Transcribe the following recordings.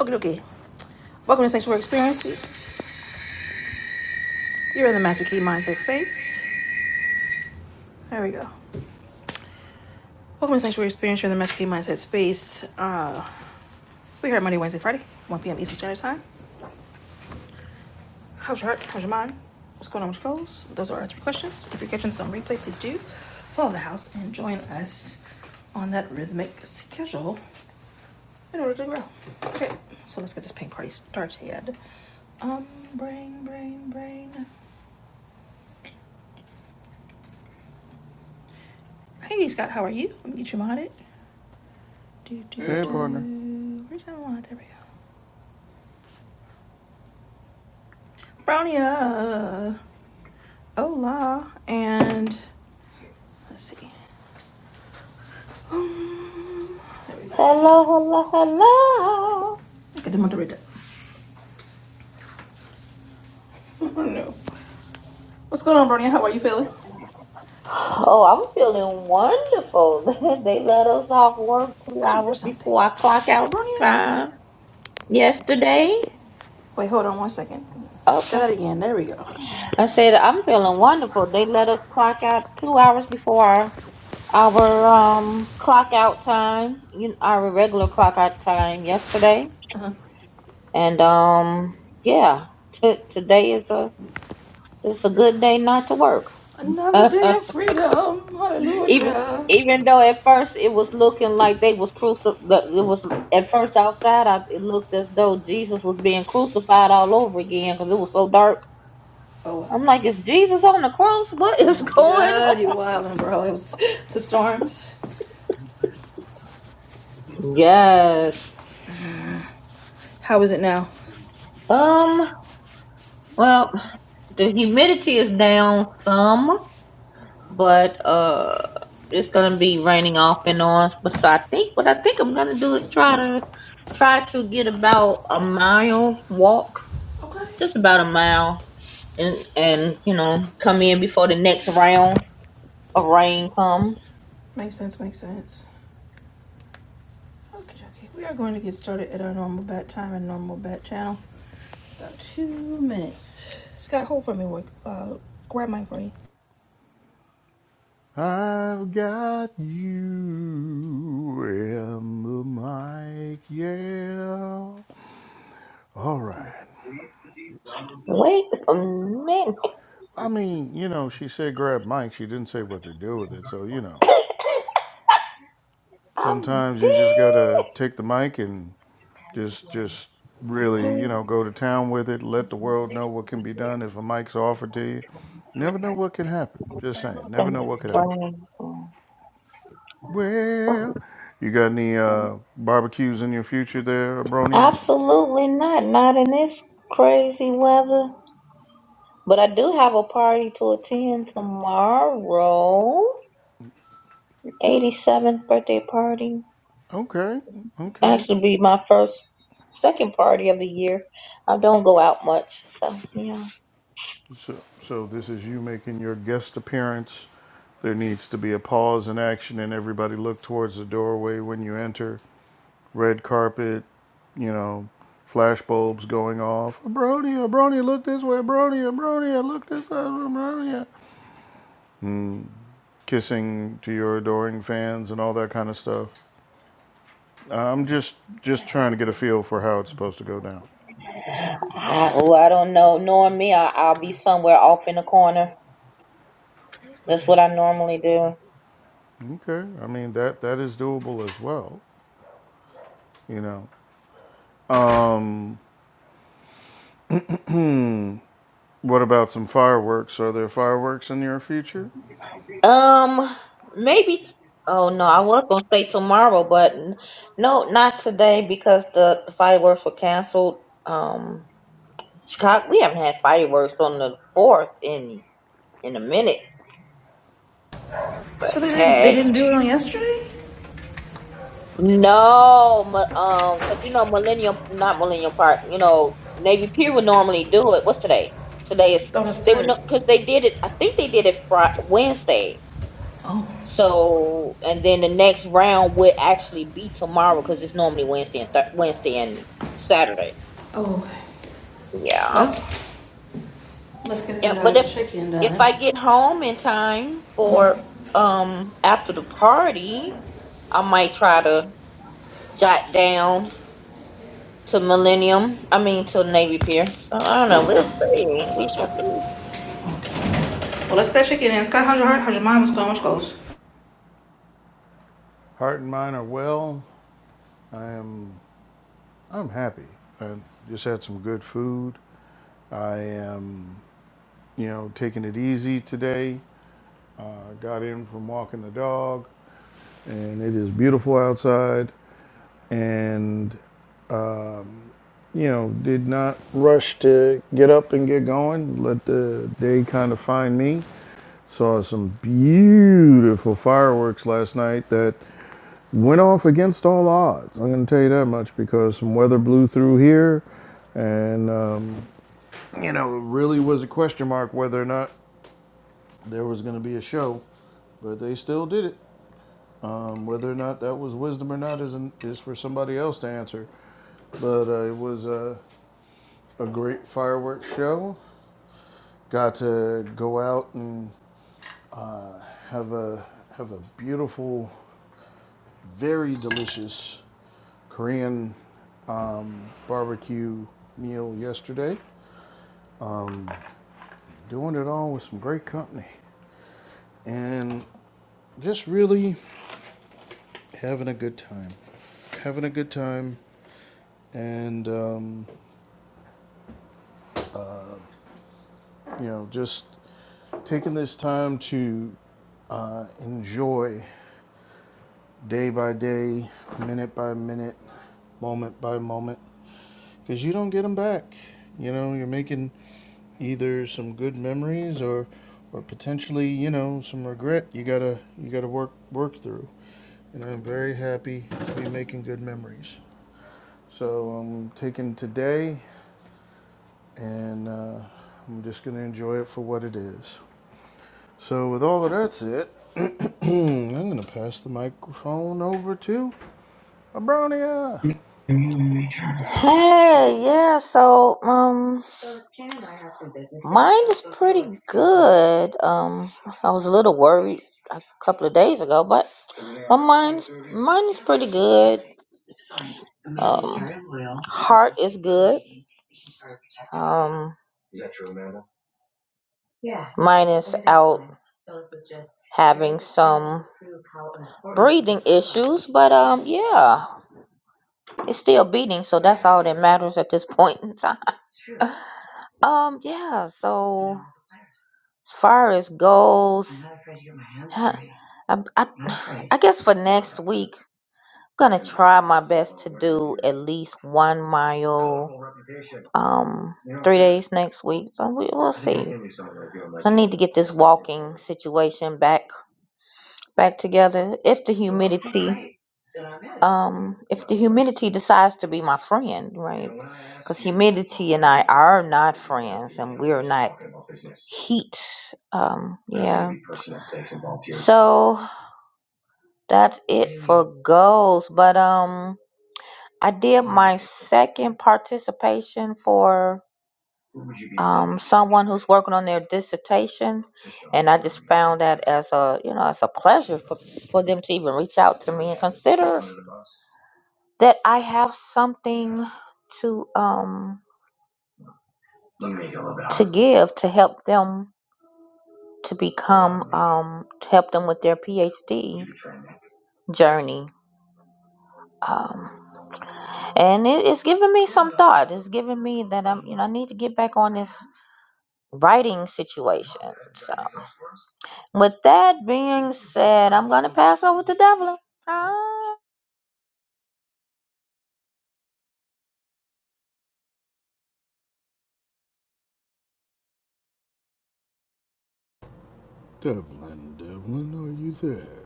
Okay, okay. Welcome to Sanctuary Experience. You're in the Master Key Mindset Space. There we go. Welcome to Sanctuary Experience. You're in the Master Key Mindset Space. Uh, we're here Monday, Wednesday, Friday, 1 p.m. Eastern Standard Time. How's your heart? How's your mind? What's going on with your goals? Those are our three questions. If you're catching this on replay, please do follow the house and join us on that rhythmic schedule in order to grow. Okay, so let's get this paint party started. Um, brain, brain, brain. Hey, Scott, how are you? Let me get you modded. Do, do, Hey, Hey, partner. do. Where's that mod? There we go. Brownia. Hola. And let's see. Um, there we go. Hello, hello, hello. Okay, did the want Oh, no. What's going on, Bronya? How are you feeling? Oh, I'm feeling wonderful. They let us off work two I don't hear hours something. before our clock out Bronya? time yesterday. Wait, hold on one second. Say Okay. that again. There we go. I said I'm feeling wonderful. They let us clock out two hours before our, our um clock out time, you our regular clock out time yesterday. And um yeah, t- today is a it's a good day not to work. Another day of freedom. even Hallelujah. even though at first it was looking like they was crucified it was at first outside I, it looked as though jesus was being crucified all over again because it was so dark Oh wow. i'm like is jesus on the cross what Oh is my going god, you wildin', bro. It was the storms. on yes How is it now? um well the humidity is down some but uh it's gonna be raining off and on but so i think what i think i'm gonna do is try to try to get about a mile walk Okay. just about a mile and and you know come in before the next round of rain comes. Makes sense, makes sense. Okay, okay. We are going to get started at our normal bat time and normal bat channel. About two minutes. Scott, hold for me, work. Uh, grab mine for me. I've got you in the mic, yeah. All right. Wait a minute, I mean, you know, she said grab mic. She didn't say what to do with it. So, you know, I'm sometimes you just got dead. to take the mic and just, just really, you know, go to town with it. Let the world know what can be done if a mic's offered to you. Never know what can happen. Just saying. Never That's know what could happen. crazy. Well, you got any uh, barbecues in your future there, Abronia? Absolutely not, not in this crazy weather. But I do have a party to attend tomorrow. 87th birthday party. Okay, okay. Actually, be my first, second party of the year. I don't go out much, so yeah. So, so this is you making your guest appearance. There needs to be a pause in action, and everybody look towards the doorway when you enter. Red carpet, you know, flash bulbs going off. Abronia, Abronia, look this way. Abronia, Abronia, look this way. Abronia. Kissing to your adoring fans and all that kind of stuff. I'm just just trying to get a feel for how it's supposed to go down. I, oh, I don't know. Knowing me, I, I'll be somewhere off in the corner. That's what I normally do. Okay, I mean that that is doable as well. You know, um, what about some fireworks? Are there fireworks in your future? Um, maybe. Oh no, I was gonna say tomorrow, but n- no, not today because the, the fireworks were canceled. Um, Chicago, we haven't had fireworks on the fourth in in a minute. But So they didn't they hey. didn't do it on yesterday? No, mu- um, cause you know Millennium, not Millennium Park. You know Navy Pier would normally do it. What's today? Today is On the they would third. know cause they did it. I think they did it Friday, Wednesday. Oh. So and then the next round would actually be tomorrow because it's normally Wednesday and th- Wednesday and Saturday. Oh, Yeah, well, let's get yeah. that uh, But if chicken if done. I get home in time for um after the party, I might try to jot down to Millennium. I mean to Navy Pier. So I don't know. We'll see. We shall see. Well, let's get that chicken in. Scott, how's your heart? How's your mind? What's going on? What's goes? Heart and mind are well. I am. I'm happy. I just had some good food. I am, you know, taking it easy today. Uh, got in from walking the dog, and it is beautiful outside. And you know, did not rush to get up and get going. Let the day kind of find me Saw some beautiful fireworks last night that went off against all odds. I'm going to tell you that much because some weather blew through here, and um, you know, it really was a question mark whether or not there was going to be a show, but they still did it. Um, whether or not that was wisdom or not is an, is for somebody else to answer. But uh, it was a, a great fireworks show. Got to go out and have a have a beautiful, very delicious Korean barbecue meal yesterday. Doing it all with some great company and just really having a good time. Having a good time and, um, you know, just taking this time to uh, enjoy day by day, minute by minute, moment by moment because you don't get them back. You know, you're making either some good memories or, or potentially, you know, some regret. You gotta, you gotta work work through. And I'm very happy to be making good memories. So I'm taking today, and uh, I'm just gonna enjoy it for what it is. So with all of that said, I'm gonna pass the microphone over to Abronia. Hey, yeah. So um, mine is pretty good. Um, I was a little worried a couple of days ago, but my mine's mine is pretty good. Um, heart is good. Um, mine is out having some breathing issues, but um, yeah. It's still beating, so that's all that matters at this point in time. Um, yeah, so as far as goals, huh, I, I, I guess for next week, I'm gonna try my best to do at least one mile, um, three days next week. So we, we'll see. So I need to get this walking situation back back together if the humidity um if the humidity decides to be my friend right because humidity and i are not friends and we're not heat um yeah so that's it for goals but um i did my second participation for um someone who's working on their dissertation and i just found that as a you know as a pleasure for for them to even reach out to me and consider that I have something to um to give to help them to become um to help them with their PhD journey. Um, and it, it's giving me some thought. It's giving me that I'm you know I need to get back on this writing situation. So with that being said, I'm gonna pass over to Devlin. Ah. Devlin, Devlin, are you there?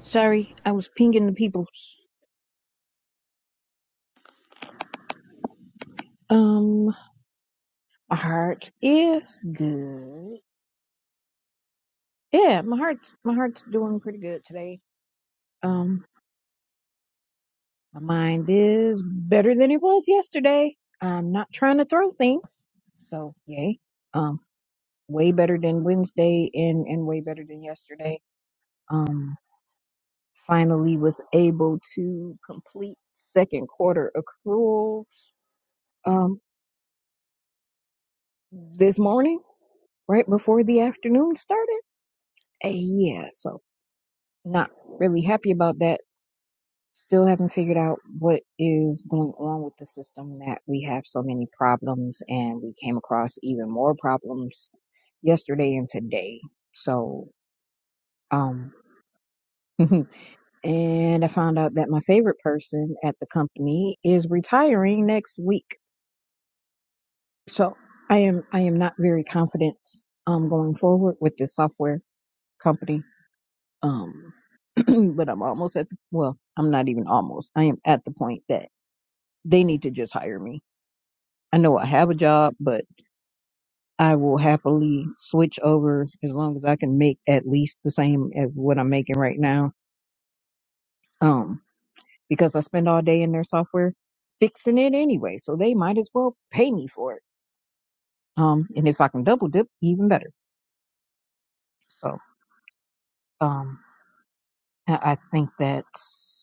Sorry, I was pinging the peoples. Um, my heart is good. Yeah, my heart's my heart's doing pretty good today. Um, my mind is better than it was yesterday. I'm not trying to throw things, so yay. Um, way better than Wednesday and and way better than yesterday. Um, finally was able to complete second quarter accruals. Um, this morning, right before the afternoon started. Uh, yeah, so not really happy about that. Still haven't figured out what is going on with the system that we have so many problems and we came across even more problems yesterday and today. So, um, and I found out that my favorite person at the company is retiring next week. So I am, I am not very confident, um, going forward with this software company. Um, but I'm almost at the, well, I'm not even almost. I am at the point that they need to just hire me. I know I have a job, but I will happily switch over as long as I can make at least the same as what I'm making right now. Um, because I spend all day in their software fixing it anyway, so they might as well pay me for it. Um, and if I can double dip, even better. So, um, I I think that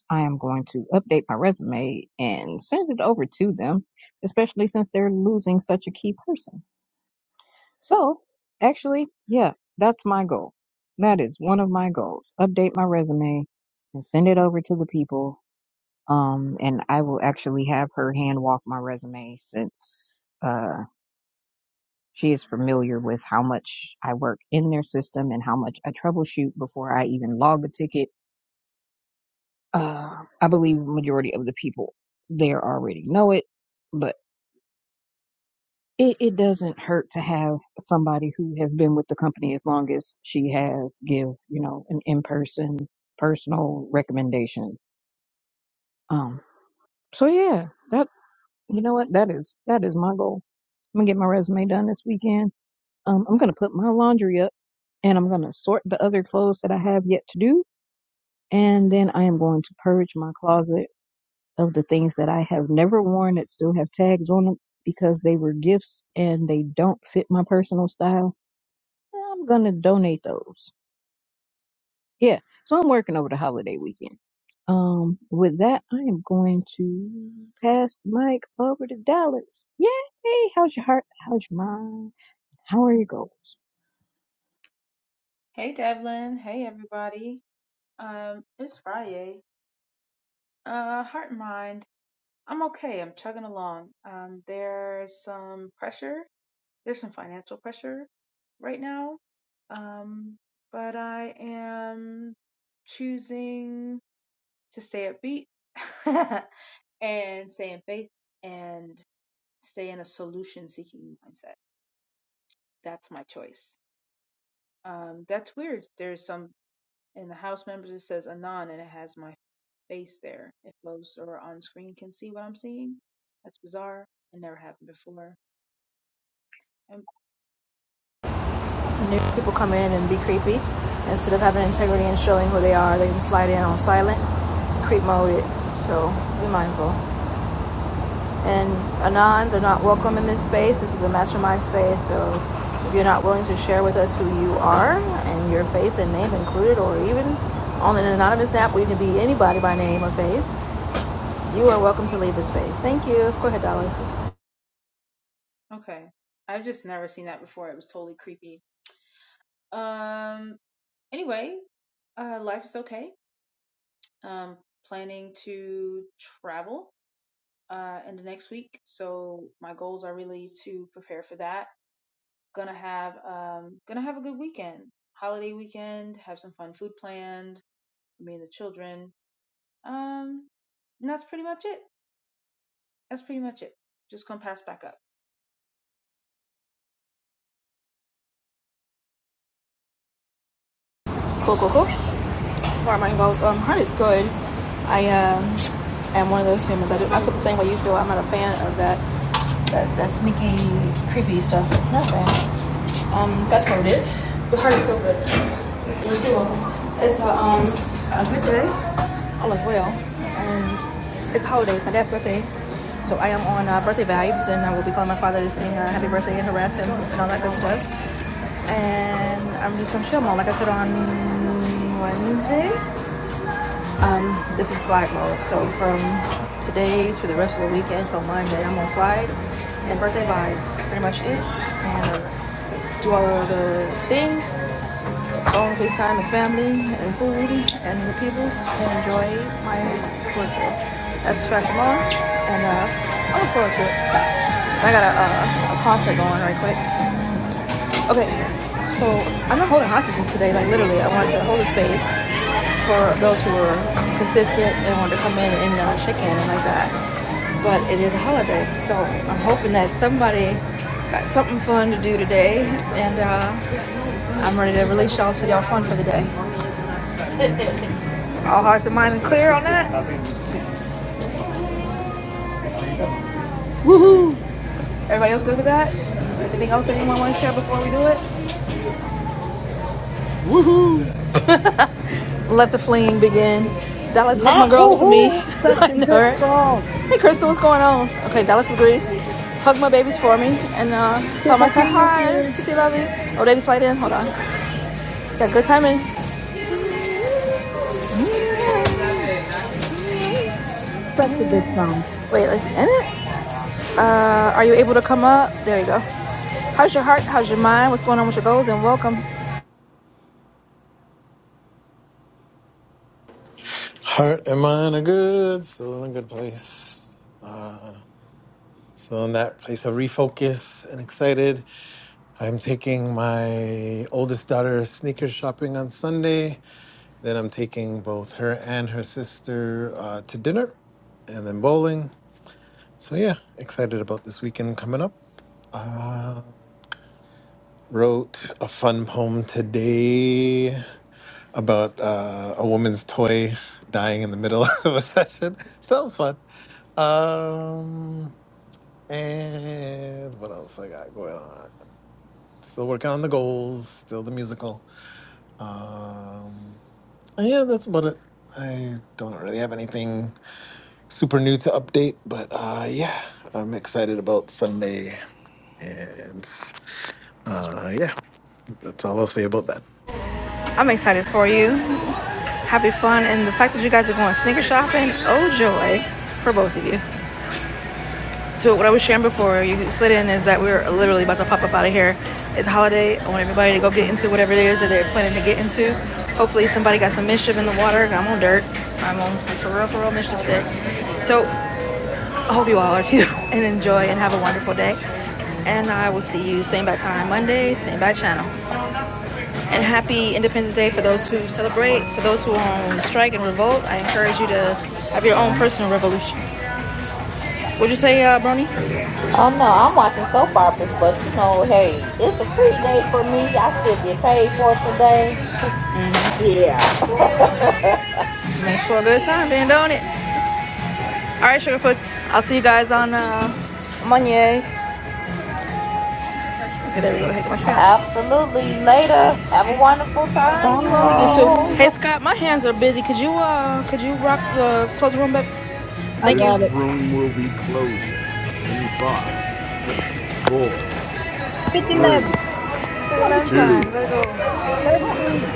I am going to update my resume and send it over to them, especially since they're losing such a key person. So, actually, yeah, that's my goal. That is one of my goals. Update my resume and send it over to the people. Um, and I will actually have her hand walk my resume since uh, she is familiar with how much I work in their system and how much I troubleshoot before I even log a ticket Uh, I believe majority of the people there already know it, but it, it doesn't hurt to have somebody who has been with the company as long as she has give, you know, an in-person personal recommendation. Um, so yeah, that, you know what? That is, that is my goal. I'm gonna get my resume done this weekend. Um, I'm gonna put my laundry up and I'm gonna sort the other clothes that I have yet to do. And then I am going to purge my closet of the things that I have never worn that still have tags on them because they were gifts and they don't fit my personal style, I'm gonna donate those. Yeah, so I'm working over the holiday weekend. Um, with that, I am going to pass the mic over to Dallas. Yay! How's your heart? How's your mind? How are your goals? Hey Devlin, hey everybody. Um, it's Friday. Uh, heart and mind, I'm okay. I'm chugging along. Um, there's some pressure. There's some financial pressure right now. Um, but I am choosing to stay upbeat and stay in faith and stay in a solution-seeking mindset. That's my choice. Um, that's weird. There's some in the house members. It says Anon, and it has my face there. If most or on screen can see what I'm seeing, that's bizarre It never happened before. And new people come in and be creepy instead of having integrity and showing who they are they can slide in on silent creep mode it so be mindful and anons are not welcome in this space this is a mastermind space so if you're not willing to share with us who you are and your face and name included or even on an anonymous app where you can be anybody by name or face you are welcome to leave the space thank you go ahead Dallas. okay, I've just never seen that before. It was totally creepy. Um. Anyway, uh, life is okay. Um, planning to travel uh in the next week, so my goals are really to prepare for that. Gonna have um gonna have a good weekend, holiday weekend. Have some fun food planned for me and the children. Um, and that's pretty much it. That's pretty much it. Just gonna pass back up. cool cool cool Where mind goes, um, heart is good. I um, am one of those humans. I, do, I feel the same way you feel. I'm not a fan of that that, that sneaky, creepy stuff. Not a fan. Um, that's what it is. But heart is still good. It's cool. It's a um a good day. All is well. And it's holidays. My dad's birthday. So I am on uh, birthday vibes, and I will be calling my father to sing uh, happy birthday and harass him and all that good stuff. And I'm just on chill mode, like I said on Wednesday. Um, this is slide mode. So from today through the rest of the weekend till Monday, I'm on slide and birthday vibes. Pretty much it. And do all of the things, phone, FaceTime, and family, and food, and the peoples, and enjoy my birthday. That's Trash Mom, and uh, I look forward to it. I got a, uh, a concert going right quick. Okay, so I'm not holding hostages today, like literally. I want to hold the space. for those who are consistent and want to come in and uh, check in and like that. But it is a holiday, so I'm hoping that somebody got something fun to do today, and uh, I'm ready to release y'all to y'all fun for the day. All hearts and minds clear on that. Woohoo! Everybody else good with that? Anything else anyone want to share before we do it? Woohoo! Let the fleeing begin. Dallas, hug my Not girls woo for me. It's woo. such I a know, good right? song. Hey, Crystal, what's going on? Okay, Dallas agrees hug my babies for me and uh, tell them I Triple P said is hi, here. Titi love you. Oh, baby slide in, hold on. Got good timing. Wait, Such a good song. let's end it. Uh, are you able to come up? There you go. How's your heart? How's your mind? What's going on with your goals? And welcome. Heart and mind are good, still in a good place. Still in that place of refocus and excited. I'm taking my oldest daughter sneaker shopping on Sunday. Then I'm taking both her and her sister uh, to dinner and then bowling. So, yeah, excited about this weekend coming up. Wrote a fun poem today about uh, a woman's toy dying in the middle of a session. So that was fun. Um, And what else I got going on? Still working on the goals, still the musical. Uh, Yeah, that's about it. I don't really have anything super new to update, but uh, yeah, I'm excited about Sunday. And uh, yeah, that's all I'll say about that. I'm excited for you. Happy fun. And the fact that you guys are going sneaker shopping, oh joy for both of you. So, what I was sharing before you slid in is that we're literally about to pop up out of here. It's a holiday. I want everybody to go get into whatever it is that they're planning to get into. Hopefully, somebody got some mischief in the water. I'm on dirt. I'm on some for real, for real mischief today. So, I hope you all are too, and enjoy and have a wonderful day. And I will see you same bad time Monday, same bad channel. And happy Independence Day for those who celebrate. For those who are on strike and revolt, I encourage you to have your own personal revolution. what Would you say, uh, Brony? Oh no, I'm watching soap operas, but you know, hey, it's a free day for me. I still get paid for it today. Yeah. Thanks for a good time, being doing it. All right, Sugarfoots. I'll see you guys on uh, Monday. Okay, there we go. Hey, my strap. Absolutely. Later. Have a wonderful Bye. time, you You too. all. Hey, Scott, my hands are busy. Could you uh, could you rock the uh, close room back? I Thank you. This got it. room will be closing in five, four, Fifty eleven. three, For the Twenty long two. time. two, Let it go. 33.